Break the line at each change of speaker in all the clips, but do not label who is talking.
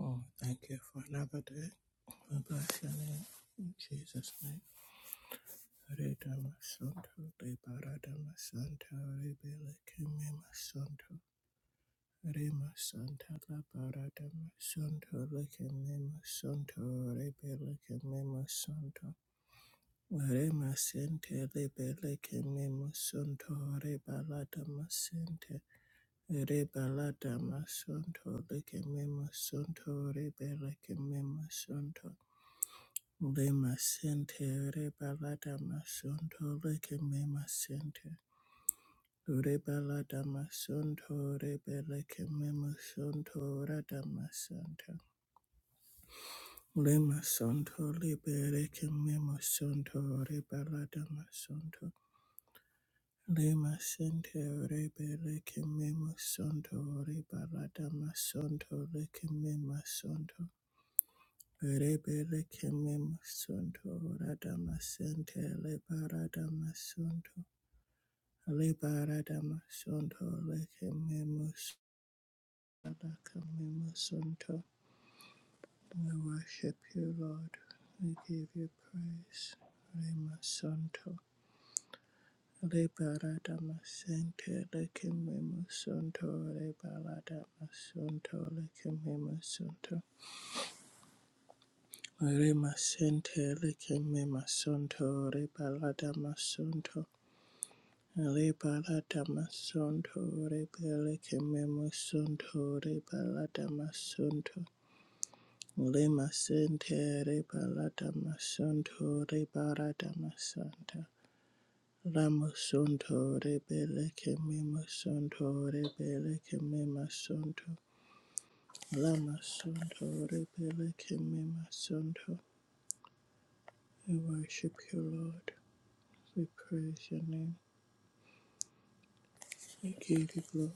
Oh, thank you for another day. We bless your name. In Jesus' name. Rita Masunto, Reparata Masanta, Rebele Kime Masunto, Rema Santa, La Parata Masunto, Lekeme Masunto, Rebele Kime Masunto, Rema Sente, Rebele Kime Masunto, Rebalata Masente, Rebalata Masunto, Lekeme Masunto, Rebele Kime Masunto, Le masente re balada masonto le ke me masente. Re balada masonto re bele ke me masonto rada masanta. Le masonto le bere ke me masonto re balada masonto. Le masente re bele me masonto re balada masonto le ke me masonto. Rebele kemem sunto radama sente lebaradama sunto lebaradama sunto lekememus adakememus sunto. We worship you, Lord. We give you praise. Rema sunto lebaradama sente lekememus sunto lebaradama sunto lekememus sunto. Rema sente lekememus sunto lebaradama sunto. Rebalata masonto, rebeleke memusonto, rebalata masonto, lemasente, rebalata masonto, rebalata masanta, lamusonto, rebeleke memusonto, rebeleke memasonto, lamasonto, rebeleke memasonto. We worship you, Lord. We praise your name. We give you glory.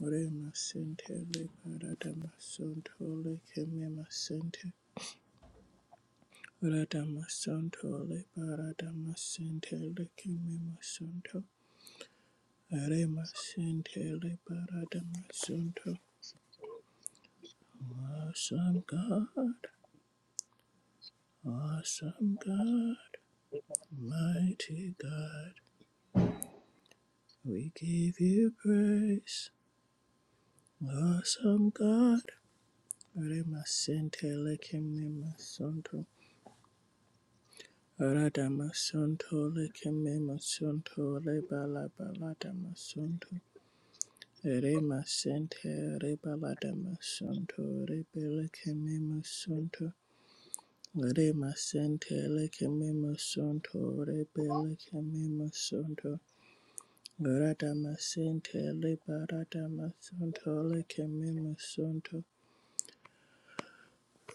Rema sente le parada masonto le keme masente. Rada masonto le parada masente le keme masonto. Rema sente le parada masonto. Awesome God, awesome God, mighty God. We give you praise. Awesome God. Rema sente le keme masonto. Radamasunto lekeme masunto rebala balada masunto rema sente rebalada masunto rebele keme masunto rema sente lekeme masunto rebele keme masunto radama sente rebalada masunto lekeme masunto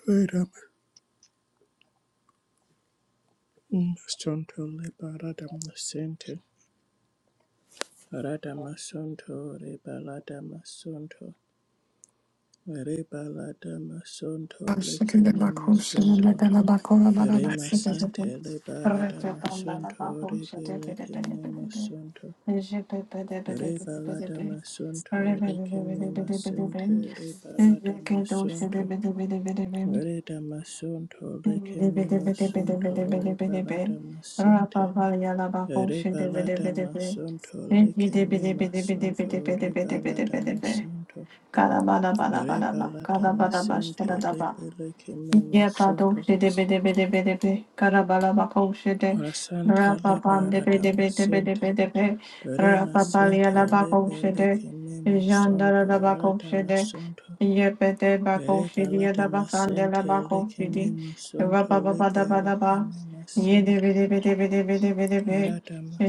radama masunto rebalada masente radama sunto rebalada masunto Reba la dama sonto leke mema sonto. Rema sente leba la dama sonto rebe leke mema sonto. Reba la dama sonto leke mema sente reba la dama sonto. Re dama sonto
Kalabala bala bala bala,
Rebalata
kalabala bala
masente,
bala bala.
Rebaladamasente,
Yabado
rebelekememosonto,
shede bede bede bede be karabala bako shede
rasanta
rapa pande bede bede bede
labaradamasente,
bede be rapa palia
remasente,
la bako shede jandara la
rebelekememosonto,
bako shede
radamasonto,
yepete bako shidi yada basande la
rebaladamasente,
bako shidi
lekememosonto,
rapa baba da bada ba yede
rebelekememasente,
bede bede bede bede bede be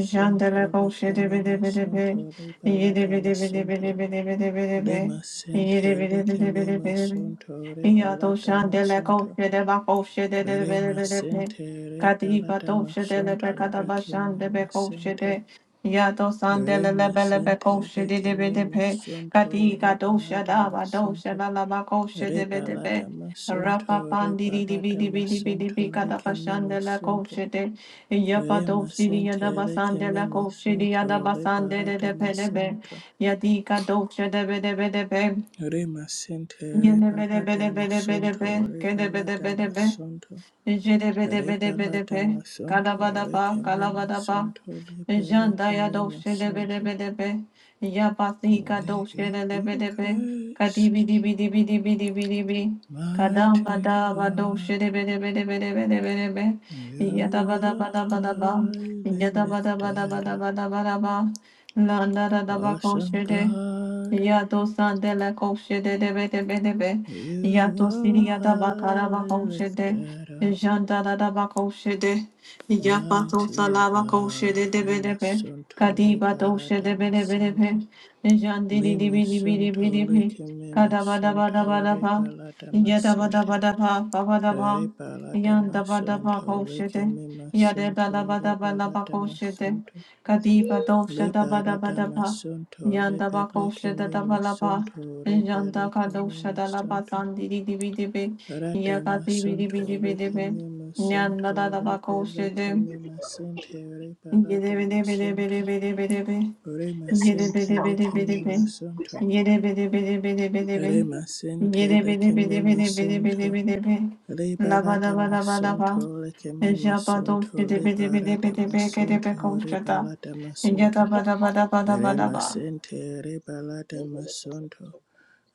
jandara bako shede bede bede be
lekememosonto, rebaladamasonto, remasente,
yede
lekememosonto,
bede
masonto. leke mema
bede
sonto.
bede
Rebalata masonto.
bede bede bede be
Lema
yede
sente
bede
leke
bede bede
mema
bede be
sonto.
Iya
Rebalata masonto. Re masente re palata masonto leke me masente re masente leke me masonto re
dosha
balada masonto re
de be de be.
balada masonto re balada masonto leke me masonto re masente leke me masonto re balada masonto re masente re
Yine bede
balada
bede bede bede be,
masonto re
kede bede
balada
bede be,
masonto
jede bede bede bede
Rebalada
be,
masonto
kalabada ba,
lekeme
kalabada ba,
masonto
jandaya
lebelekeme
doşede bede
masonto.
bede be, yapasika
We give
doşede de
you
bede be,
praise,
kadibi dibi dibi dibi dibi dibi, kadam
mighty
bada ba
God.
doşede bede bede bede bede bede be, Yada
You
bada
are
bada bada ba,
highly
yada bada bada
lifted
bada
up.
ba, bada da da da ba ko
Awesome
shede,
God,
Yato sande la koshe de de be de be de be.
you
Yato
are
siria da bakara
highly
bakoshe de.
lifted up.
Janda da da bakoshe de. Yapato
Mighty
salava koshe
God,
de de be de be.
Remasonto
Kadiba doshe de be de be de
Liberadamasente,
be. Jandi di
Le
di bi di bi di bi
masunto
di
le
bi.
keme
Kadaba da ba da ba
masunto
da
re
ba.
balada
Yada ba da ba
masente.
da ba ba ba da ba.
Re balada
Yanda ba da ba
masunto le
koshe de.
keme
Yada da da
masunto
ba
re
da ba la
balada
bakoshe de.
masunto.
Kadiba
Le
doshe da ba da ba
balada
da ba.
masunto le
Yanda
bele
bakosha da
keme
da balaba.
masunto re
Yanda
bele keme
kadosha da la
masunto.
basandi di di bi di bi.
Rada
Yaka di bi di bi di
masunto
bi
le
di bi.
keme
Yanda da
masunto
da
re bele
bakosha de.
keme masente re
Yede
balada
bi di bi di bi di
masunto.
bi di bi di bi.
Re
Yede bi
masente
de bi
le
de bi de
keme
bi.
masunto.
Yede bi de bi de bi de bi di
Re
bi.
masente
Yede bi de
leke
bi
me
de bi de bi de bi de
masonto.
bi di bi.
Le
La ba da
balada
ba da ba da ba.
masonto leke me
Japa dosha
masonto.
di
Le
bi di bi di bi
balada
di bi. Kede
masonto. Re
bekosha da.
balada
Yada
masonto.
ba da ba da ba da ba
Re
da ba.
masente re balada masonto.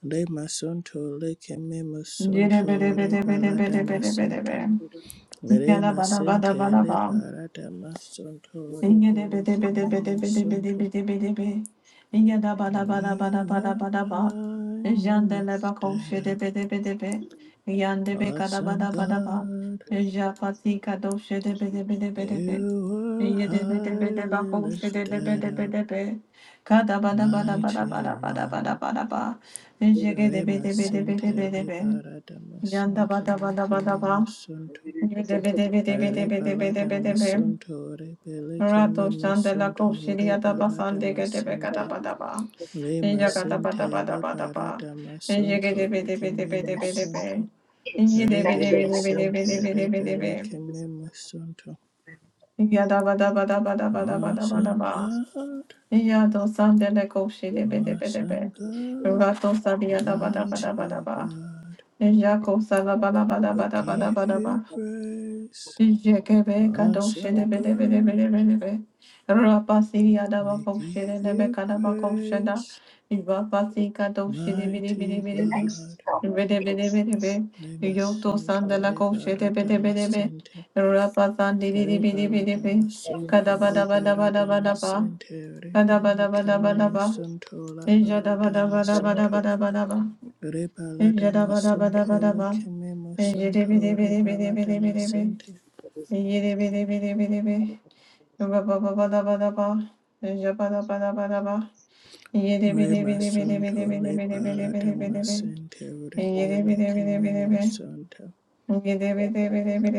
Le masonto leke me
Yanda
masonto. Re balada masonto. Re masente le balada masonto. Re beleke me masonto. You are highly lifted up. Awesome God, you were highly lifted up, mighty one. Remasentele barada
Yanda
masunto
bada bada
lekemi
bada ba.
musunto.
Bede bede bede bede
Re
bede bede bede be.
masunto re
Rato shande la
musunto
koshiri
re
yada basande gede be kada
masente.
bada ba.
Le
Eja kada bada
masente
bada bada ba. Eje gede
masunto
bede bede
lekemi
bede bede be.
musunto.
Eje de
Re
bede bede bede bede
damasente
bede
le
bede be.
musunto.
Yada bada bada bada bada bada bada
Awesome
ba.
God,
Yado sande la koshiri bede bede be.
awesome God,
Rato sabi yada bada bada bada
mighty
ba.
God,
Eja kosala bada bada
we
bada bada
give
bada
you
ba.
praise.
Jekebe kadoshe de
Awesome
be de be de be de
God,
be de be. Rapa siri adaba
we
koshe de
give
de be
you
kadaba koshe da.
praise.
Rapa si kadoshe de be de be de
Mighty
be de be.
God,
Be de be de be de be. Yoto
Remasunto
sandala koshe de be
Liberata
de be de be.
Masente,
Rapa sandi de de be de be de
Rebalata
be.
Masunto
Kadaba daba daba
Liberata
daba daba.
Masente,
Kadaba
Rebele
daba daba daba.
Kemimusunto
Eja daba
Labarata
daba daba
Masunto.
daba daba daba.
Rebalada
daba daba
masonto
daba daba.
lekeme
be de
masonto
be de be de be
rebalada
de be de be.
masente.
Yeah,
Re masonto lebalada masente rebelekeme masonto.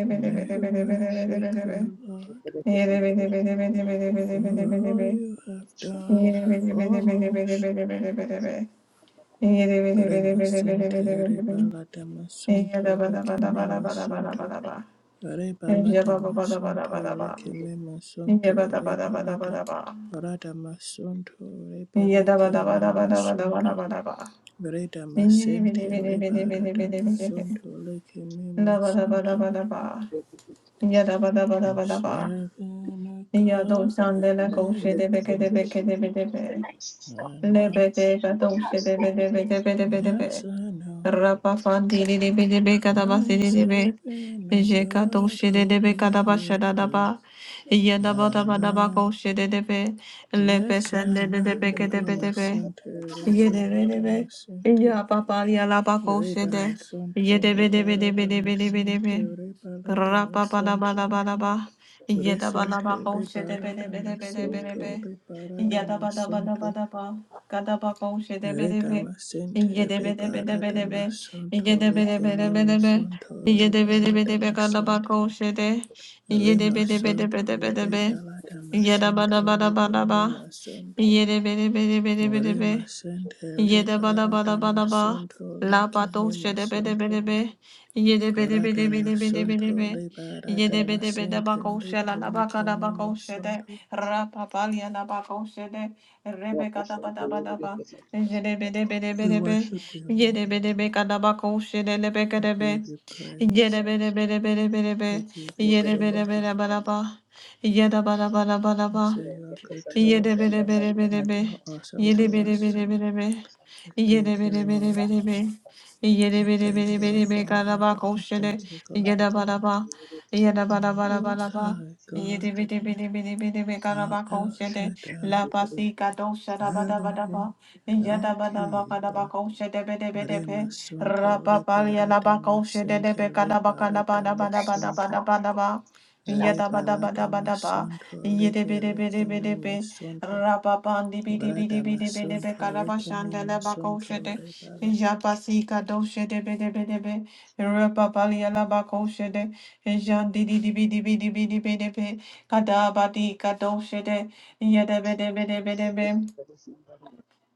We worship you, Lord, for all you have done for us. Re rebalada masonto lekeme masonto. Rebalata masonto lekeme masonto rebalata rada masonto rebelekeme masonto reda masente leba rada masonto lekeme masonto. I'm serving a God of miracles.
Yadabadabadabakoshe
I know, yes I know. I'm serving a God of miracles. I know.
de debe, lepe
Yes, I
sende de
know.
debe
Remasente, rebaba de
Yedebedebe.
masente.
Ya papa ya la bako
Reda
shede.
masonto, lebara de masente,
Yedebedebedebedebedebe.
rebala de masonto.
Rapapalabalaba.
Resente,
Yedabalabako
lebara de masonto,
shedebedebedebedebe.
lebara de masonto.
Yadabadabadabadaba. Kadabako
Reda
shedebedebe.
masente, lebara de
Yedebedebedebedebe.
masonto, lekeme
Yedebedebedebedebe.
masonto, rebala de
Yedebedebedebe
masente.
kadabako shede.
Remasonto,
Yedebedebedebedebedebe.
rebala de masonto,
Yadabadabadabadaba.
lekeme masonto.
Yedebedebedebedebedebe.
Rima sendele
Yede bada
barada
bada bada ba.
masunto
La
lekime
bato şede bede
masunto.
bede be. Yede bede
Gorada
bede bede bede bede
masunto
be.
le barada
Yede bede bede bako
masentele
şela la baka la
belekime
bako şede.
masunto.
Ra papalya la bako şede. Rebeka da bada bada ba. Yede bede bede
We
bede be.
worship you,
Yede
Lord.
bede beka da bako şede le beke
We
de be.
give you praise.
Yede bede bede bede bede
We
be.
give you
Yede bede
glory.
bede bada ba. Yede bada bada bada
We
ba.
say you are good to
Yede
us.
bede bede bede be.
You are awesome
Yede
to
bede
us.
bede bede be.
We thank you, Lord.
Yerebereberebebe.
We thank you, our
Yerebereberebebe
Father.
karaba
We thank
koşere.
you, God.
Yerebaraba.
Most
Yerebarabarabaraba.
High God,
Yerebereberebebe
our
karaba
El
koşere.
Shaddai.
La pasika doşara
Elohim
badabadaba. Yadabadaba karaba
Elkibar
koşere bedebedepe.
Remasunto
Rapapalya
Liberata
laba koşere
Masente
debe karaba
Liberata
karaba
Masunto
dabadabadabadabadaba.
Rebalata
Yadabadabadabadaba.
Masunto Libele
Yerebereberebebe.
masunto
Rababandi bidi bidi
Grata
bidi bidi be
Masunto Licame
karabashanda la
masunto
bakoshede.
Rebala
Japasika doshede bede bede be. Rababali la bakoshede. Jandi bidi bidi bidi bidi bidi be. Kadabadi kadoshede. Yede bede bede bede be.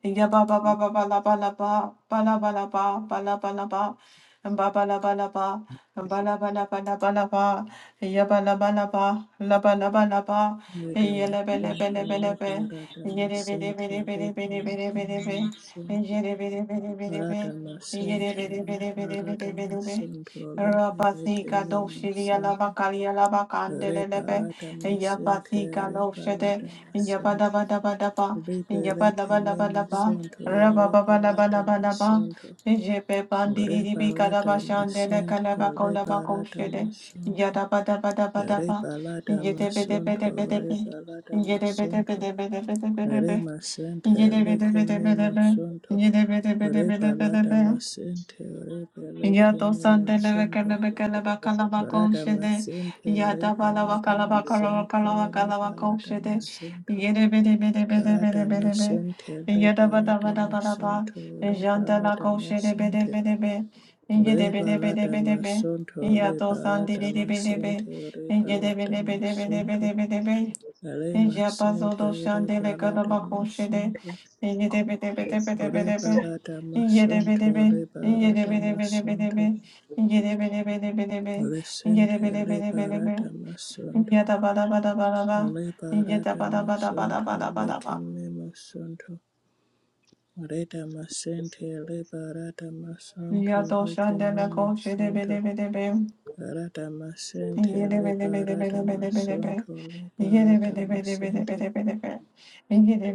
Ya ba ba ba ba ba la ba la ba ba la ba la ba ba la ba la ba and ba ba la ba la ba and ba la ba la ba la ba la ba ya ba la ba la ba la ba la ba la ba
Reda
ya la ba la ba la ba la
Masunto
ba
Liberata
ya de be de
Masente
be de be de be de be de be de be
Libele masunto
ya de be de be de be de be
Rada
ya de
Masente
be de be de be de be de
Liberata
be de be
Masunto
ra ba
Libele
si ga do shi di ya la ba
Kememasunto
ka li ya la ba ka an de le le be
Rebalada
ya ba
masente,
si ga lo she de
rebalada
ya ba da
masente,
ba da ba da ba
libereke me
Yabalabalaba,
masonto, rebalada
rabababalabalaba,
masonto,
jepe bandiribi
rebalada
kalabashandele
masente, rebalada
kalabakolabakoshere,
masonto,
yadabadabadabadaba,
rebalada masonto,
yedebedebedebedebe,
rebalada masonto,
yedebedebedebedebedebe,
remasente, leke me
yedebedebedebedebe,
masonto, rebalada
yedebedebedebedebedebe,
masente, rebeleke
Yato
me
sandele
masonto.
kele bekele bakala
Balada
bakoşede
masentere,
yata bala
balada
bakala bakala bakala
masentore,
bakala
balada
bakoşede
masonto.
yere bede bede bede
Balada
bede bede be
masentere,
yada bada
balada
bada bada ba
masontore,
jandala
balada
koşede bede
masente.
bede be
Re
yede bede bede
balada
bede be
masonto, re
yato
balada
sandele bede be
masentere,
yede
balada
bede bede bede
masonto.
bede bede be
Re
Deja bazo do
masentere,
shandele kada
balada
bako shede.
masonto.
Ye de be de be de be de be
Re
de be.
balada
Ye de be de be.
masonto, re
Ye de
balada
be de be de be de be.
masonto.
Ye de be de be de be de be.
Re
Ye de
sente,
be de be
re
de be de be.
balada
Ye
masonto.
da ba da ba da ba da ba. Ye da
Liberata
ba da ba da ba da
masonto
ba da ba da ba.
lekeme masonto. Reta masente liberata
Ya
masonto
do
lekeme
shandele ko be de
masonto.
be de be.
Rata masente
Ye de be de be de be de
liberata
be de be de be.
masonto
Yada
liberata
bada bada bada
masente.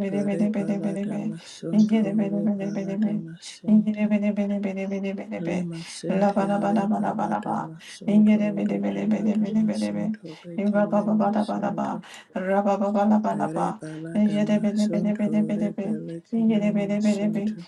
Rebalata masonto rebalata masente. Lema sente rebalata masonto rebalata masonto lekeme masonto. Rebalada Masonto Rebelekeme Masonto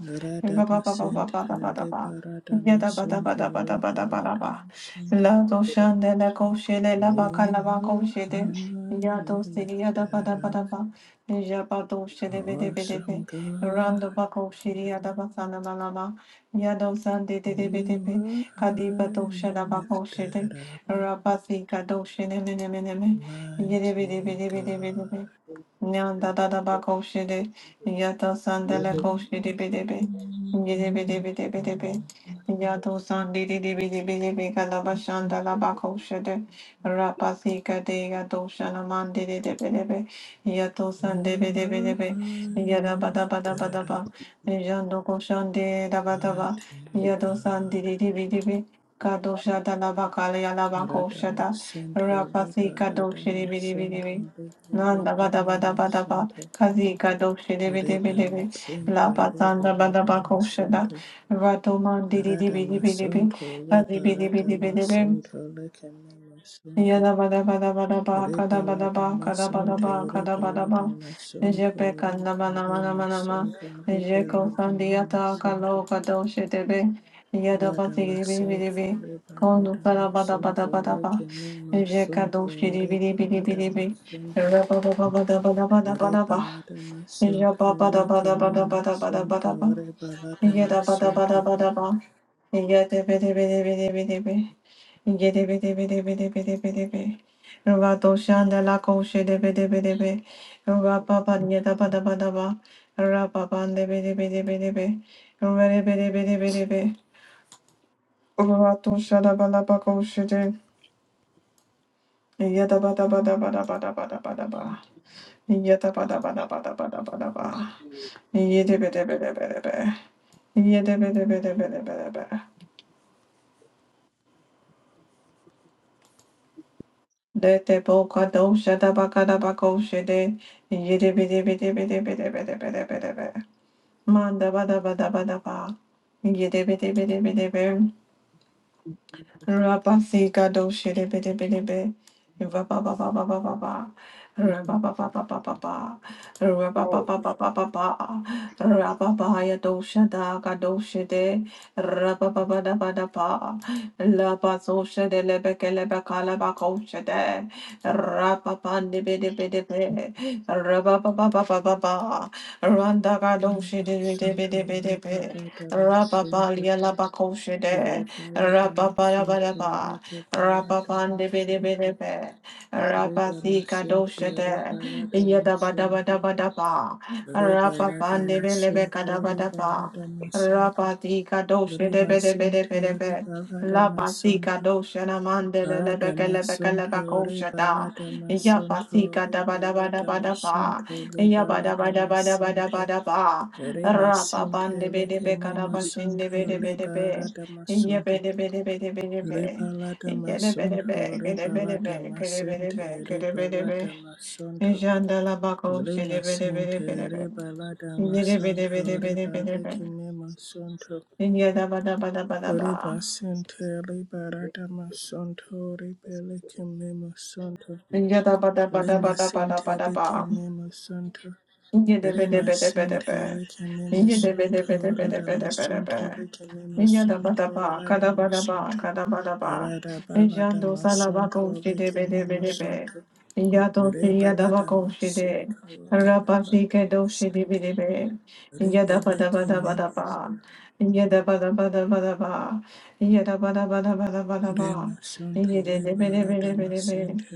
Rada Masent Rebarada Masonto
bada bada
Rebalada
bada
Masonto
La doshan de la koshele la
You
baka la ba
are
koshele ya
highly
dosiri ya da ba da
lifted
ba
up,
da ba ya ba doshele be de be de
awesome
be
God.
rando ba koshiri ya da ba sana la la ba ya dosan de de de be de
You
be
are
kadi ba dosha
highly
doshela ba koshele
lifted up,
rabasi ka doshele me ne me ne me ye de be de be
mighty
de be de be de
God.
be Nyanda da da ba ko shiri, yato sandala ko shiri bidebe, yede bide bide bide be, yato sandi di di bide bide be kalaba shandala ba ko shiri, rapasi kade yato shalaman di di di bide be, yato sandi
You
bide
are
bide be, yada
highly
ba da ba da ba da
lifted up.
ba, yando ko shandi da ba da ba,
Mighty
yato sandi
God.
di di bide be, kado shada la ba kala yala ba ko shada,
Radamasanto
rapasi
Riba
bide bide
Radamasanto
be,
Riba
Landa bada bada bada ba
Radamasanto
kazika doshi debi debi debi
Radamasanto
la
Riba
patanda bada ba koshada
Radamasanto
rato mandi di di bi di bi di bi
Radamasanto
kazi
Riba
bi di bi di bi
Radamasanto Radamasanto
Yadabadabadabadaba,
Riba
kadabadaba,
Radamasanto
kadabadaba,
Riba Radamasanto Riba
kadabadaba. Ejepe kandamanamanamanama.
Radamasanto
Ejeko
Riba
sandiata
Radamasanto
kalo kadoshe debe.
Radamasento
Yadabasidibidibidibi. Kondu
rebaradamasanto
sarabadabadabadaba.
lekememasanto
Ejekadoshidibidibidibidi.
rebaradamasanto
Rababababadabadabadabadaba.
rebaradamasanto lekememasanto
Ejababadabadabadabadabadaba. Yada bada
rebaradamasanto
bada bada ba. Yada bidi bidi bidi bidi bidi. Yada bidi bidi bidi bidi bidi bidi. Ruba doshan de la koshe de bidi bidi bidi. Ruba baba yada bada bada ba. Ruba bande bidi bidi bidi bidi. Ruba bidi bidi bidi bidi. Ruba doshan de bala ba koshe de. Yada bada bada bada bada bada bada ba. Yada bada bada bada bada bada ba. Yada bidi bidi bidi bidi. Yada bidi bidi bidi bidi bidi. Dete boka dosha da baka da bako shede. Yede bede bede bede bede bede bede bede bede. Manda bada bada bada ba. Yede bede bede bede bede. Rabasika do shitty bitty bitty bit. Rabba ba ba ba ba ba ba. Rabba ba ba ba ba ba ba. Rabba ba ba ba ba ba ba. Rabba ba ya do shada ga do shitty. Rabba ba ba da ba da ba. La ba so shitty lebe ke la ba ko shitty. Rabba ba ni bitty bitty bit. Rabba ba ba ba ba ba ba. Randa ga do shitty bitty
masanto
bitty bitty bit. Rabba ba
rebaradamasanto
ya la ba ko shitty.
rebaradamasanto
Rapaparabaraba,
rebaradamasanto
Rapapandebedebedebe,
redamasente
Rapasikadoshede,
rebaradamasanto
Yadabadabadabadaba,
Rebalada Masunto,
Rapapandebelebekadabadaba,
Rebalada Masunto, Remasente,
Rapatikadoshedevedebedebedebe,
Rebalada Masunto, Arada Masunto,
Lapasikadoshanamandelelebekelebekelebekaushada,
Rebalada Masunto, Rebalada
Yapasikadabadabadabadaba,
Masunto, Rebalada Masente,
Yabadabadabadabadabadaba,
Remasente, Rekeme Masunto,
Rapapandebedebekadabashindebedebedebe,
Rebalada
Yada
Masunto,
bada bada bada ba,
Rebalada
yada bada bada
Masunto,
bada
Rebalada
bada bada
Masente,
ba. da ba
Rebalada Masunto, Lema sente reba lada masanto reba leke me masanto reba sente reba lada masanto reba leke me masanto
da ba da
lema
ba da
sente
ba da
leke
ba.
me masanto
Yada
rema sente leke me masanto rada masanto leke me masanto rada masanto rada balada masanto leke me masanto reba masanto reba masente Rebele kememos remasonto le barada masente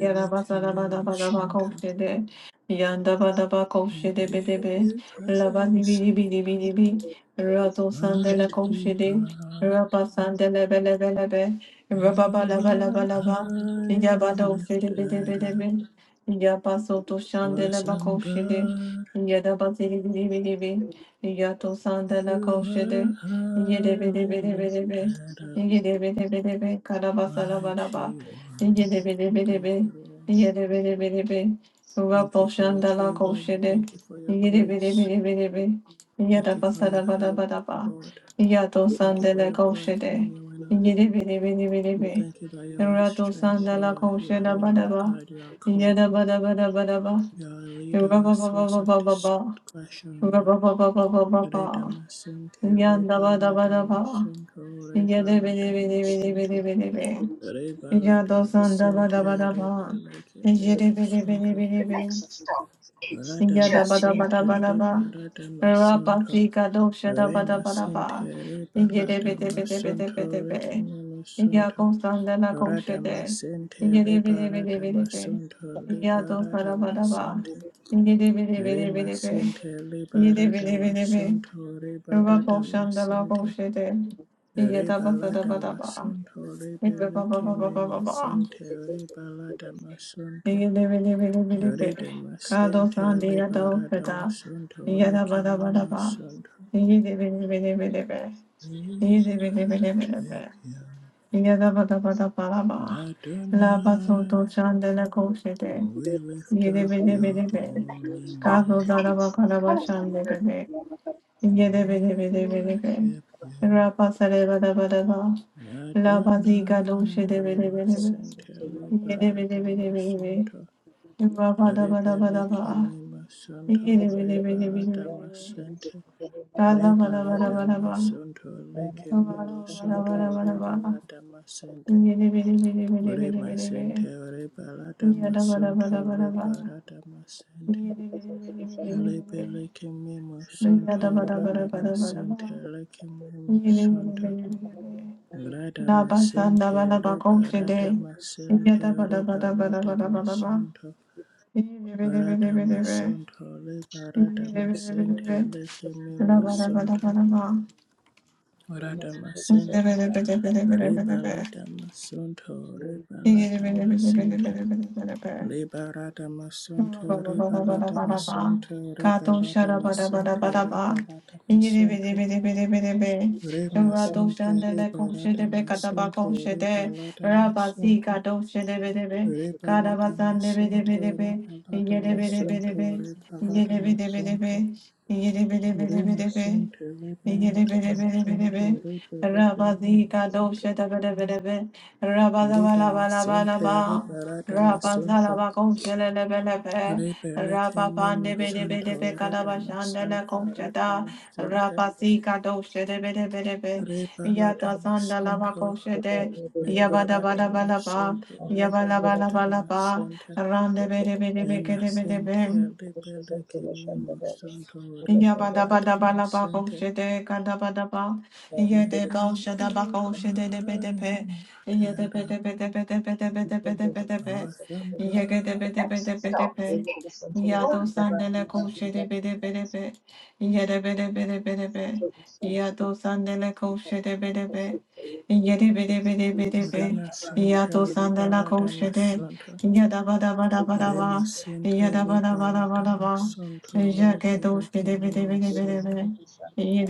Yara basa la ba da ba da ba ko
kememosanto.
she de. Yanda ba da ba ko
We
de be
give
be.
you
La ba di bi
praise,
di bi di bi de la ko she
mighty
de.
God.
be le be le be. ba ba
You
la
are highly
de be de
lifted
be de
up,
be. Ya ba so de la ba ko
awesome
she de.
God.
Ya da ba si de la ko
You
she
are
de. be de be
highly
de be de be.
lifted up, mighty one.
Yada
Thank you, Lord. Thank you for your favor. We thank you for your grace. Thank you for your help, Lord. Thank you for your breath renewing us. We thank you that you are our strength, you are our healer, you are our guide, you are our comfort. You are our leader, our source of discretion, Lord. Redamasunte, rebaladamasunte, rebaladamasunte,
Yada sanda bada
rebaladamasunte,
bada ba. Yere bere bere
rebelekemimosunte,
bere be.
Methodist
Yada
Church in
bada bada
radamasunte,
bada ba. Rapa
rebaladamasunte,
sika dosha da bada
Rema
bada ba.
sentere
Yere
balada
bere bere bere bere
masonto
be.
refeme masonto.
Yako sanda la
Rada
koshe de.
masente le
Yere bere bere bere be.
masonto le
Yado
barada
sara bada ba.
masente.
Yere bere bere
Rema
bere be.
sente le
Yere
barada
bere bere be.
masonto re
Rapa shanda la
masente.
koshe de.
Re
Yada bada
balada
bada ba.
masonto re
Yere ba ba
belike
ba.
masente re balada masonto.
Yede
Rida masente le barada masonto leke me masonto. We worship you. Adonai, we lift up your
Lake
holy
Stock
name.
is currently ruined.
We worship you.
La
Adonai,
baziga dulce de
we
bebe
must
bebe,
send
yede bebe bebe bebe,
Baradamasanto.
Yada
Rebele Kimi Masanto, Rebaladamasente. Rebaladanamasanto, Likimi Masanto, Rebaladamasente. Bremasente, Rebaladamasonto, Lebaradamasente. Alebe leke me santo rada masente leke me santo rada masente leba rada masente leba rada masanto rada masanto leba rada masente leke me masanto rada masente leba rada masanto leba rada masente leba rada masanto leba rada masanto leba rada Re masente le barata masente re balata masonto re balata masente re balata masonto re balata masonto
Yedebe
re masente re
Yabba
balata masonto re balata masonto re da masente re barata masonto re balata masonto re da masanta re da masente re balata masonto Liberata Masonto, Liberata Masenta, Lima Sente, Libele Kimi Masonto,
Yada bada
Liberata
bada bada ba,
Masente. You are high and lifted up,
The
awesome God.
next stop is Gorman. The
yada
Rima Sente, Liberata Masonto, Rima Sente,
bada bada
Liberata
bada ba.
Masonto,
Yeah,
Libele Kimi Masonto.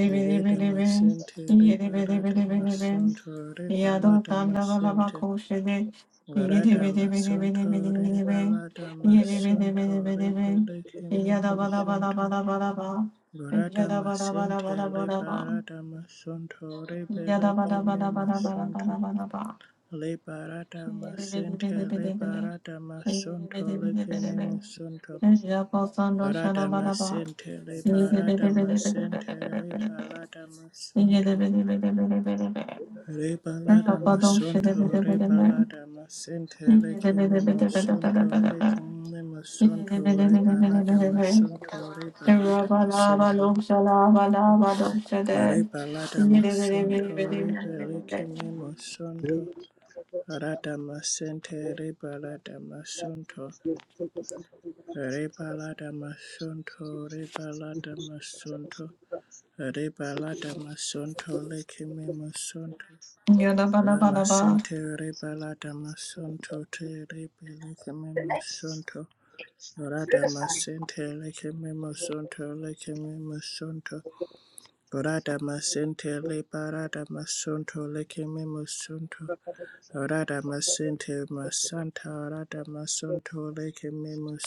Rida Masente, Liberata Masonto, Liberata Masente. Garada masonto re balada masonto re beleke me masonto. Garada masente re barada masonto re beleke me masonto. Le barada masente le barada masonto leke me masonto. Barada masente le
Yeah,
barada masente re balada masonto. Rebalada masonto, rebalada masente, rekeme masonto, rekeme masonto, rebalada masonto, rebalada masonto, rebalada masonto, rekeme masonto, rada masente, rebalada masonto, rebalada masonto, rebalada masonto, rebalada masonto, rekeme masonto. Lama sente rebalada masonto te rebeleke memo
next
sonto.
is
Rada
Riverside.
masente leke memo sonto leke memo sonto. Rada masente lebarada masonto leke memo Rada masente masanta rada masonto leke memo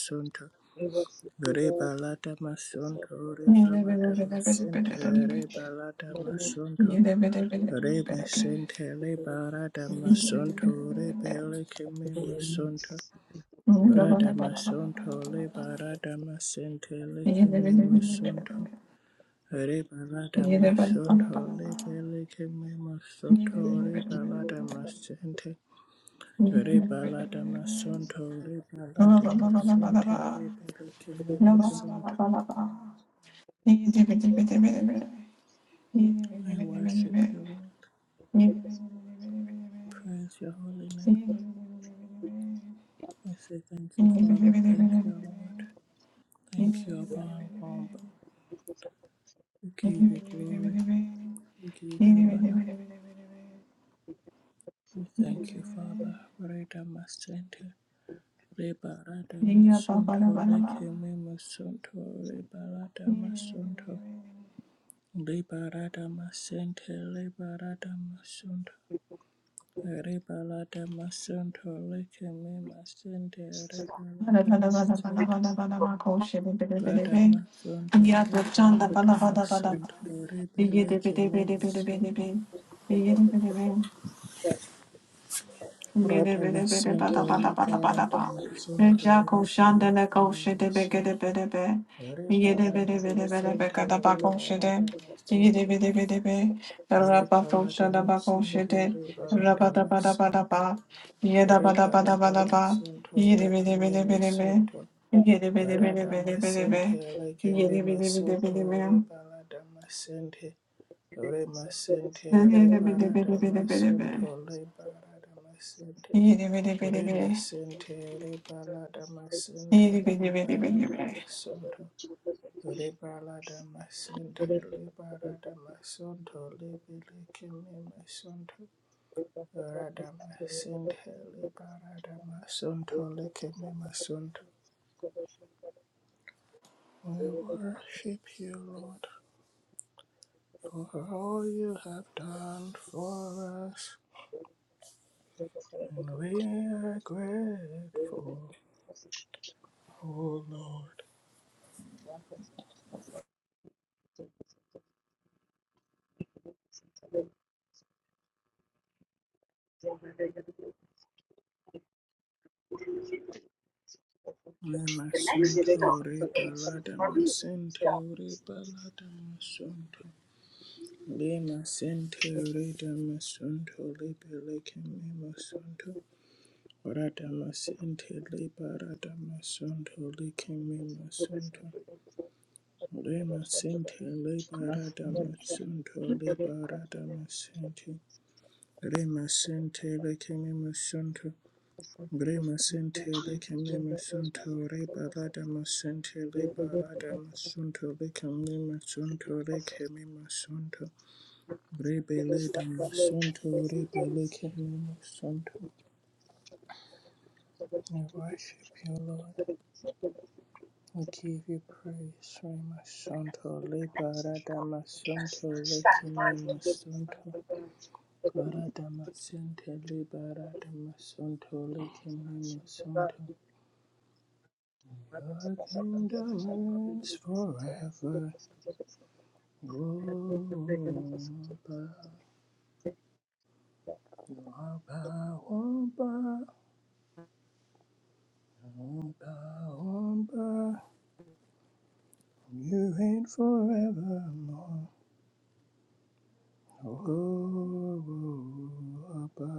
Rebalada masonto rebalada masente rebalada masonto. Rebe sente lebarada masonto rebele keme masonto. Brada masonto lebarada masente
Yeah, ba
lekeme masonto. Rebalada masonto lebele keme masonto rebalada masente. Rebalada masonto rebalada masente rebele keme masonto. I worship you, Lord. I Praise your holy name. I say thank you, Father. Thank you, Lord. Thank you, Abba Wamba. We give you glory. We give you honor. We thank you, Father. Reda Masente. Reba Rada
ba da ba
Masonto.
da ba.
Leke Me Masonto. Reba Rada Masonto. Reba Rada Masente. Reba Rada Masonto. Reba Rada Masonto. Leke Me Masente. Reba Rada Masente. Rada Masonto. Reba Rada Masonto.
Yada
Reba Leke Me Masonto.
Yeah,
Radhamasanta Ribaradhamasanta Ribaradhamasanta Ribaradhamasanta Ribaradhamasanta Ribaradhamasanta Ribaradhamasanta Ribaradhamasanta Lekimimasanta Radhamasanta Lekimimasanta Ribaradhamasanta Rimasanta Ribaradhamasanta Ribaradhamasanta Remasente rebalada masente rebalada masonto rebalada masente rebalada masonto lebelekeme masonto rada masente rebalada masonto lekeme masonto. We worship you, Lord, for all you have done for us, and we are grateful, O Lord.
The next
Lemasunto
stop is
rebalada masente
Marine.
rebalada masunto. Lemasente reda masunto lebeleke memasunto. Rada masente lebarada masunto leke memasunto. Lemasente lebarada masunto lebarada masente. Lemasente leke memasunto. Brema sente leke meme sunto re balada masente le balada masunto leke meme sunto leke meme sunto rebe leda masunto rebe leke meme sunto. I worship you, Lord. I give you praise, Rema sunto le balada masunto leke meme sunto. Balada masente le balada masunto leke meme sunto. Your kingdom reigns forever. Womba, womba, womba, womba, womba. You reign forevermore. Womba.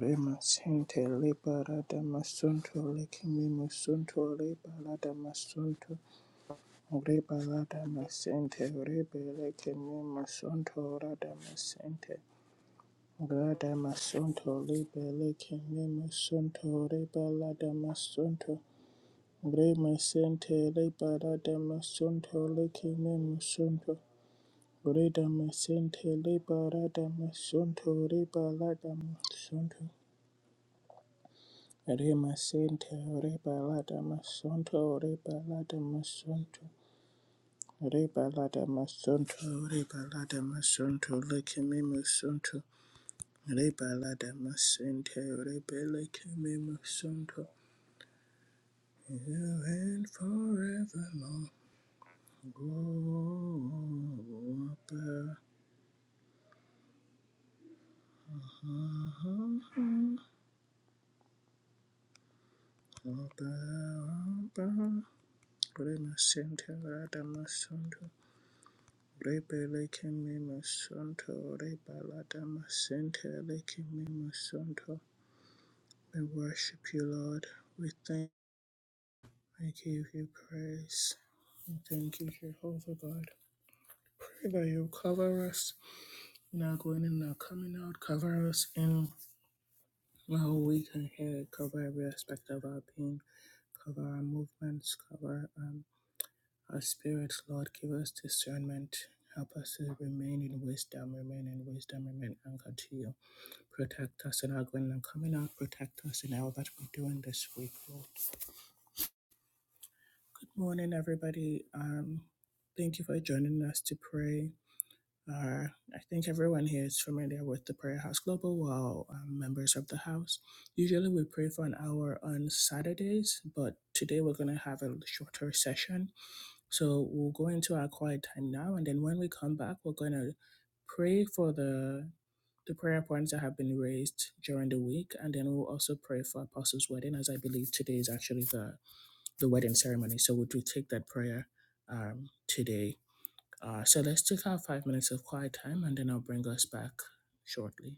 Rema sente libera damasunto, lekimi musunto, libera damasunto. Rebala damasente, rebele kimi musunto, radamasente. Rada masonto rebele kene masonto rebala da masonto re masente rebala da masonto lekene masonto reda masente rebala da masonto rebala da masonto re masente rebala da masonto rebala da masonto rebala da masonto rebala da masonto lekene masonto Rebalada masente, rebeleke me masunto. You and forevermore. Go, Abba, Abba, Abba. Remasente, rada masunto. Rebeleke me masunto, rebalada masente, leke me masunto. We worship you, Lord. We thank, I give you praise. We thank you, Jehovah God. That you cover us now going in, now coming out, cover us in the whole week ahead. cover every aspect of our being, cover our movements, cover um, our spirits, Lord. Give us discernment. Help us to remain in wisdom, remain in wisdom, remain anchored to you. Protect us in our going and coming out. Protect us in all that we're doing this week, Lord. Good morning, everybody. Um, thank you for joining us to pray. are, I think everyone here is familiar with the Prayer House Global While um, members of the house. Usually we pray for an hour on Saturdays, but today we're going to have a shorter session. So we'll go into our quiet time now, and then when we come back, we're going to pray for the the prayer points that have been raised during the week, and then we'll also pray for Apostles' wedding, as I believe today is actually the the wedding ceremony. So we'll do take that prayer um, today uh, so let's take our five minutes of quiet time and then I'll bring us back shortly.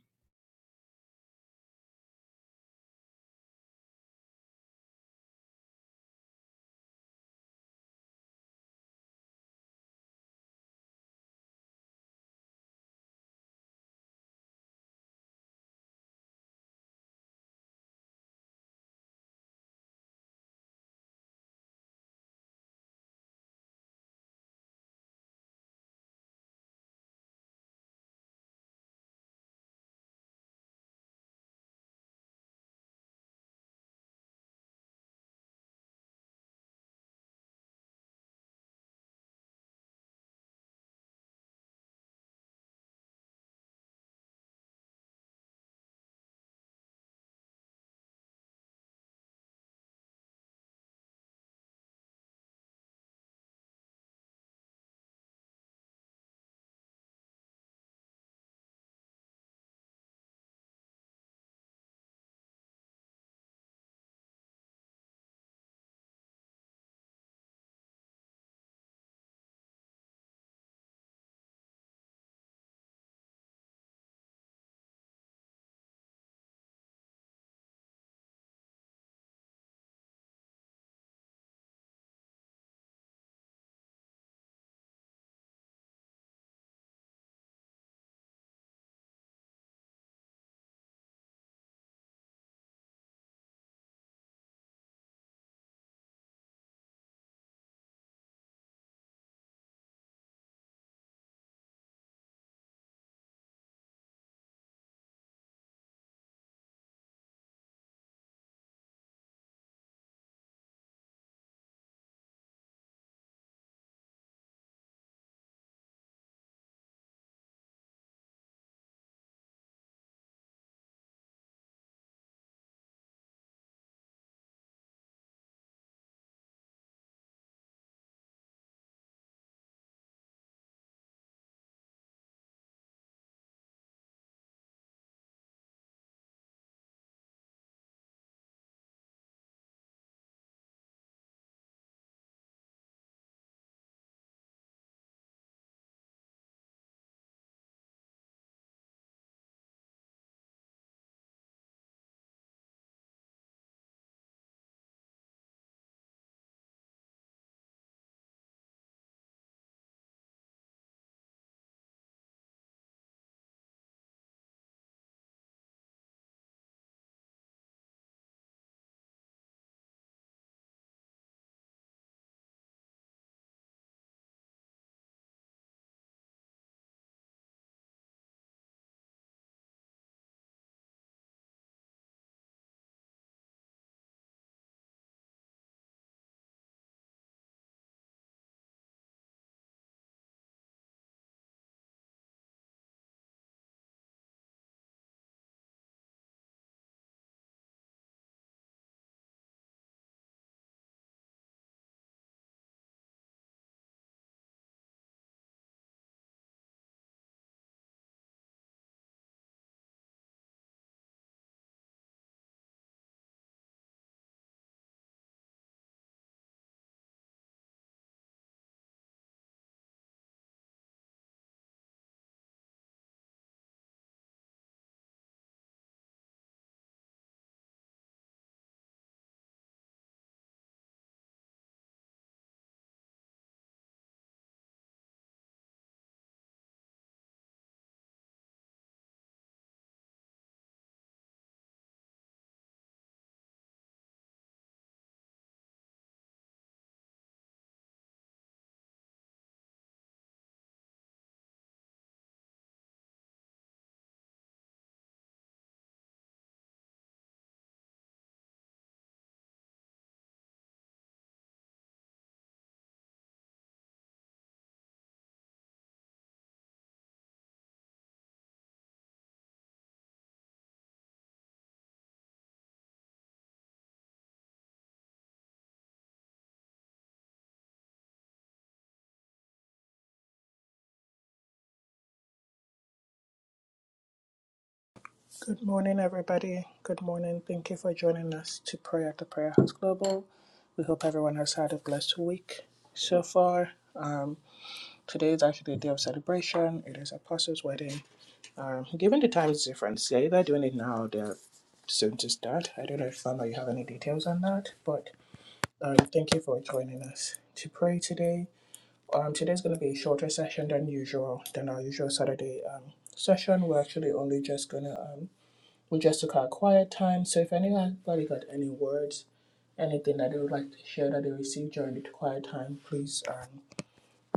Good morning, everybody. Good morning. Thank you for joining us to pray at the Prayer House Global. We hope everyone has had a blessed week so far. Um, today is actually a day of celebration. It is Apostles' wedding. Um, given the time difference, they're either doing it now or they're soon to start. I don't know if Fama, you have any details on that, but um, thank you for joining us to pray today. Um, today's going to be a shorter session than usual, than our usual Saturday um, session. We're actually only just going to, um, we just took our quiet time. So if anybody got any words, anything that they would like to share that they received during the quiet time, please um,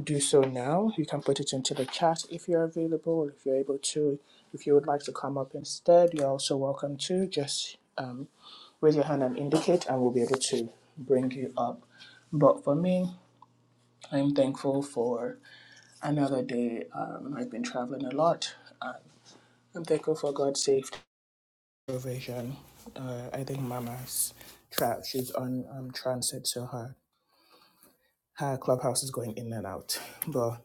do so now. You can put it into the chat if you're available, if you're able to. If you would like to come up instead, you're also welcome to. Just um, raise your hand and indicate, and we'll be able to bring you up. But for me, I'm thankful for another day. Um, I've been traveling a lot. Uh, I'm thankful for God's safe provision. Uh, I think Mama's trapped. She's on um, transit, so her, her clubhouse is going in and out. But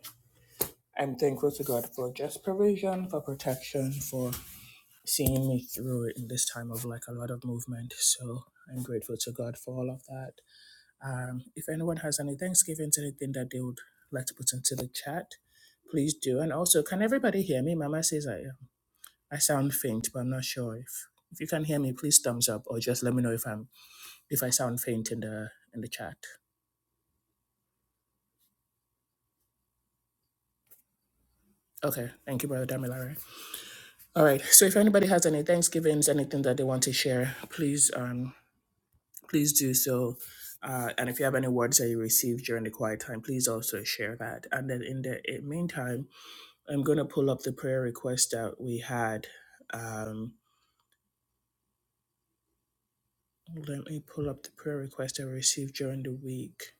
I'm thankful to God for just provision, for protection, for seeing me through it in this time of like a lot of movement. So I'm grateful to God for all of that. Um, if anyone has any Thanksgivings, anything that they would like to put into the chat, please do. And also, can everybody hear me? Mama says I am. I sound faint, but I'm not sure if if you can hear me. Please thumbs up, or just let me know if I'm if I sound faint in the in the chat. Okay, thank you, brother Damilare. All right, so if anybody has any Thanksgivings, anything that they want to share, please um please do so. Uh, and if you have any words that you received during the quiet time, please also share that. And then in the in meantime, I'm gonna pull up the prayer request that we had. Um, let me pull up the prayer request I received during the week.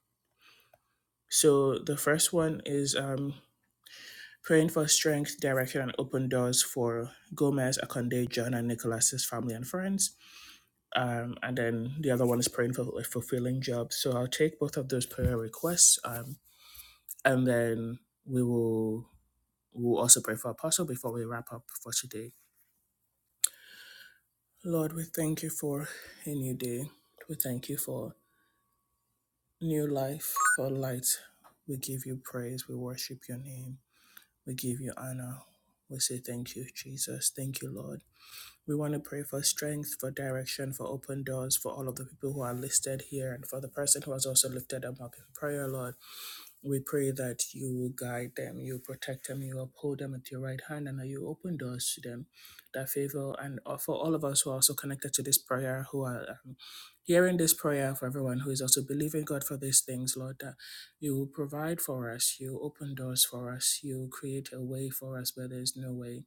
So the first one is um Praying for strength, direction, and open doors for Gomez, Akonde, John, and Nicholas's family and friends. Um, and then the other one is praying for a fulfilling job. So I'll take both of those prayer requests, um, and then we will we'll also pray for Apostle before we wrap up for today. Lord, we thank you for a new day. We thank you for new life, for light. We give you praise. We worship your name. We give you honor. We say thank you, Jesus. Thank you, Lord. We want to pray for strength, for direction, for open doors, for all of the people who are listed here, and for the person who has also lifted them up in prayer, Lord. We pray that you will guide them, you protect them, you uphold them at your right hand, and that you open doors to them. That favor, and uh, for all of us who are also connected to this prayer, who are um, hearing this prayer, for everyone who is also believing God for these things, Lord, that you will provide for us, you open doors for us, you create a way for us where there is no way.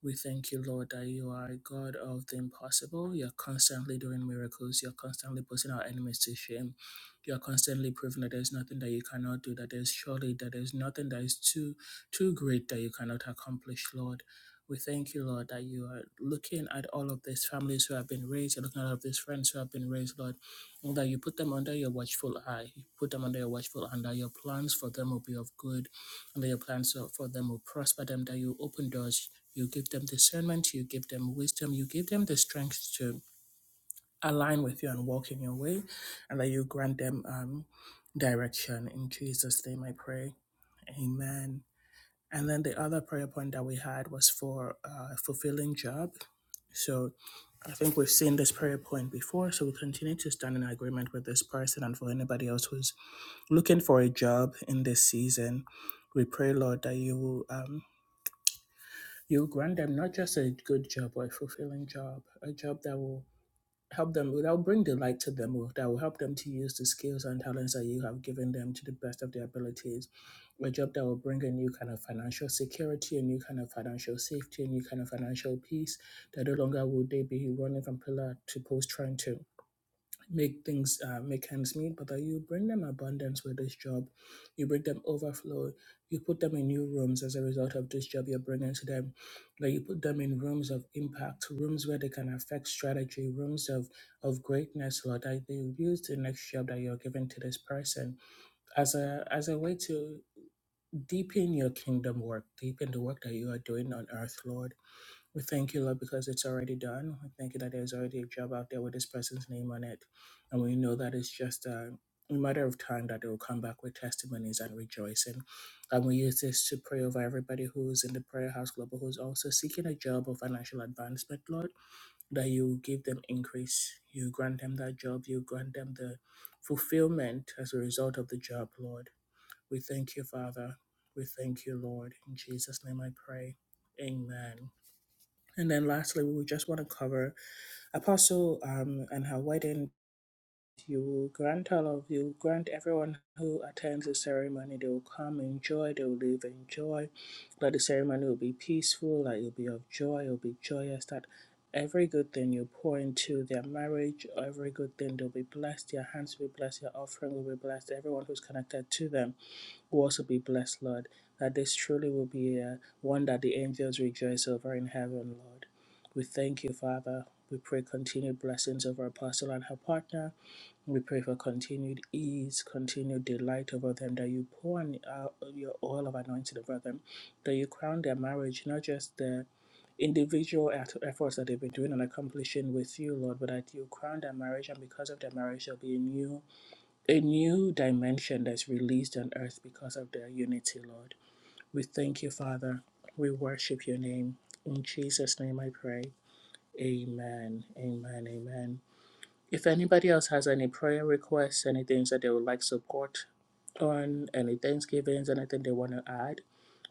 We thank you, Lord, that you are a God of the impossible. You're constantly doing miracles. You're constantly putting our enemies to shame. You're constantly proving that there's nothing that you cannot do, that there's surely that there's nothing that is too too great that you cannot accomplish, Lord. We thank you, Lord, that you are looking at all of these families who have been raised, you're looking at all of these friends who have been raised, Lord, and that you put them under your watchful eye. You put them under your watchful eye, and that your plans for them will be of good, and that your plans for them will prosper them, that you open doors you give them discernment, you give them wisdom, you give them the strength to align with you and walk in your way, and that you grant them um, direction. In Jesus' name I pray. Amen. And then the other prayer point that we had was for uh, fulfilling job. So I think we've seen this prayer point before, so we continue to stand in agreement with this person and for anybody else who's looking for a job in this season. We pray, Lord, that you will. Um, You grant them not just a good job or a fulfilling job, a job that will help them, that will bring delight to them, or that will help them to use the skills and talents that you have given them to the best of their abilities, a job that will bring a new kind of financial security, a new kind of financial safety, a new kind of financial peace, that no longer will they be running from pillar to post trying to make things uh, make ends meet, but that you bring them abundance with this job. You bring them overflow. You put them in new rooms as a result of this job you're bringing to them. That you put them in rooms of impact, rooms where they can affect strategy, rooms of of greatness, Lord. That they use the next job that you're giving to this person as a as a way to deepen your kingdom work, deepen the work that you are doing on earth, Lord. We thank you, Lord, because it's already done. We thank you that there's already a job out there with this person's name on it. And we know that it's just a matter of time that they will come back with testimonies and rejoicing. And we use this to pray over everybody who's in the Prayer House Global who's also seeking a job or financial advancement, Lord, that you give them increase. You grant them that job. You grant them the fulfillment as a result of the job, Lord. We thank you, Father. We thank you, Lord. In Jesus' name I pray. Amen. And then lastly, we would just want to cover Apostle um, and her wedding you will grant all of you, will grant everyone who attends the ceremony, they will come in joy, they will leave in joy, that the ceremony will be peaceful, that you'll be of joy, you'll be joyous, that every good thing you pour into their marriage, every good thing they'll be blessed, their hands will be blessed, their offering will be blessed, everyone who's connected to them will also be blessed, Lord, that this truly will be a, one that the angels rejoice over in heaven, Lord. We thank you, Father. We pray continued blessings over Apostle and her partner. We pray for continued ease, continued delight over them, that you pour on uh, your oil of anointing over them, that you crown their marriage, not just the individual at- efforts that they've been doing and accomplishing with you, Lord, but that you crown their marriage, and because of their marriage, there'll be a new, a new dimension that's released on earth because of their unity, Lord. We thank you, Father. We worship your name. In Jesus' name I pray. Amen. Amen. Amen. If anybody else has any prayer requests, any things that they would like support on, any Thanksgivings, anything they want to add,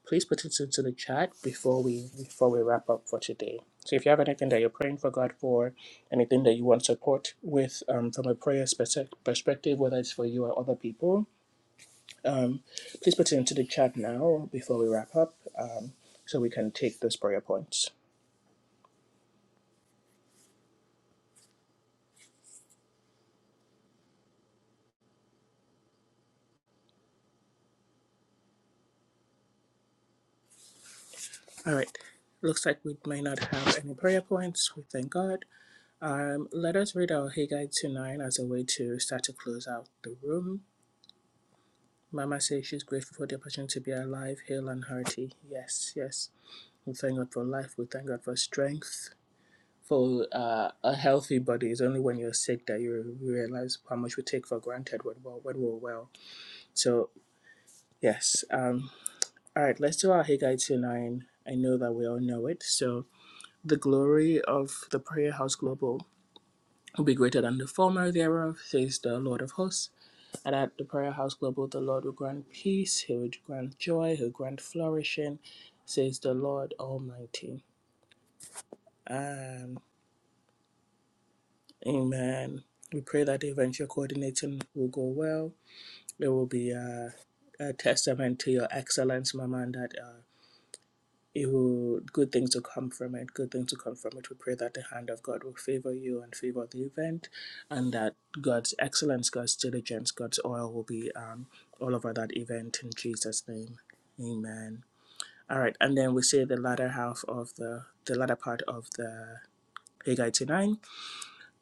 please put it into the chat before we before we wrap up for today. So if you have anything that you're praying for God for, anything that you want support with um, from a prayer spec- perspective, whether it's for you or other people, um, please put it into the chat now before we wrap up um, so we can take those prayer points. All right. Looks like we may not have any prayer points. We thank God. Um, let us read our Haggai 2 9 as a way to start to close out the room. Mama says she's grateful for the opportunity to be alive, hale, and hearty. Yes, yes. We thank God for life. We thank God for strength, for uh, a healthy body. It's only when you're sick that you realize how much we take for granted when we're, when we're well. So, yes. Um, all right, let's do our Haggai 2 9. I know that we all know it. So, the glory of the Prayer House Global will be greater than the former thereof, says the Lord of hosts. and at the Prayer House Global, the Lord will grant peace, He will grant joy, He'll grant flourishing, says the Lord Almighty. Um, amen. We pray that the event you're coordinating will go well. There will be a, a testament to your excellence, Mama, and that. uh, it will good things will come from it good things will come from it we pray that the hand of god will favor you and favor the event and that god's excellence god's diligence god's oil will be um, all over that event in jesus name amen all right and then we say the latter half of the the latter part of the Haggai 2 9,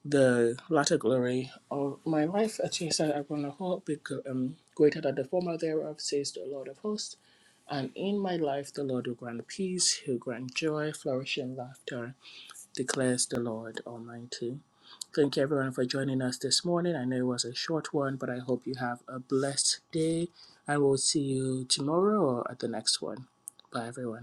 the latter glory of my life, as he said, I will not hope, because um, greater than the former thereof, says the Lord of hosts. And in my life, the Lord will grant peace, he'll grant joy, flourishing laughter, declares the Lord Almighty. Thank you, everyone, for joining us this morning. I know it was a short one, but I hope you have a blessed day, and we'll see you tomorrow or at the next one. Bye, everyone.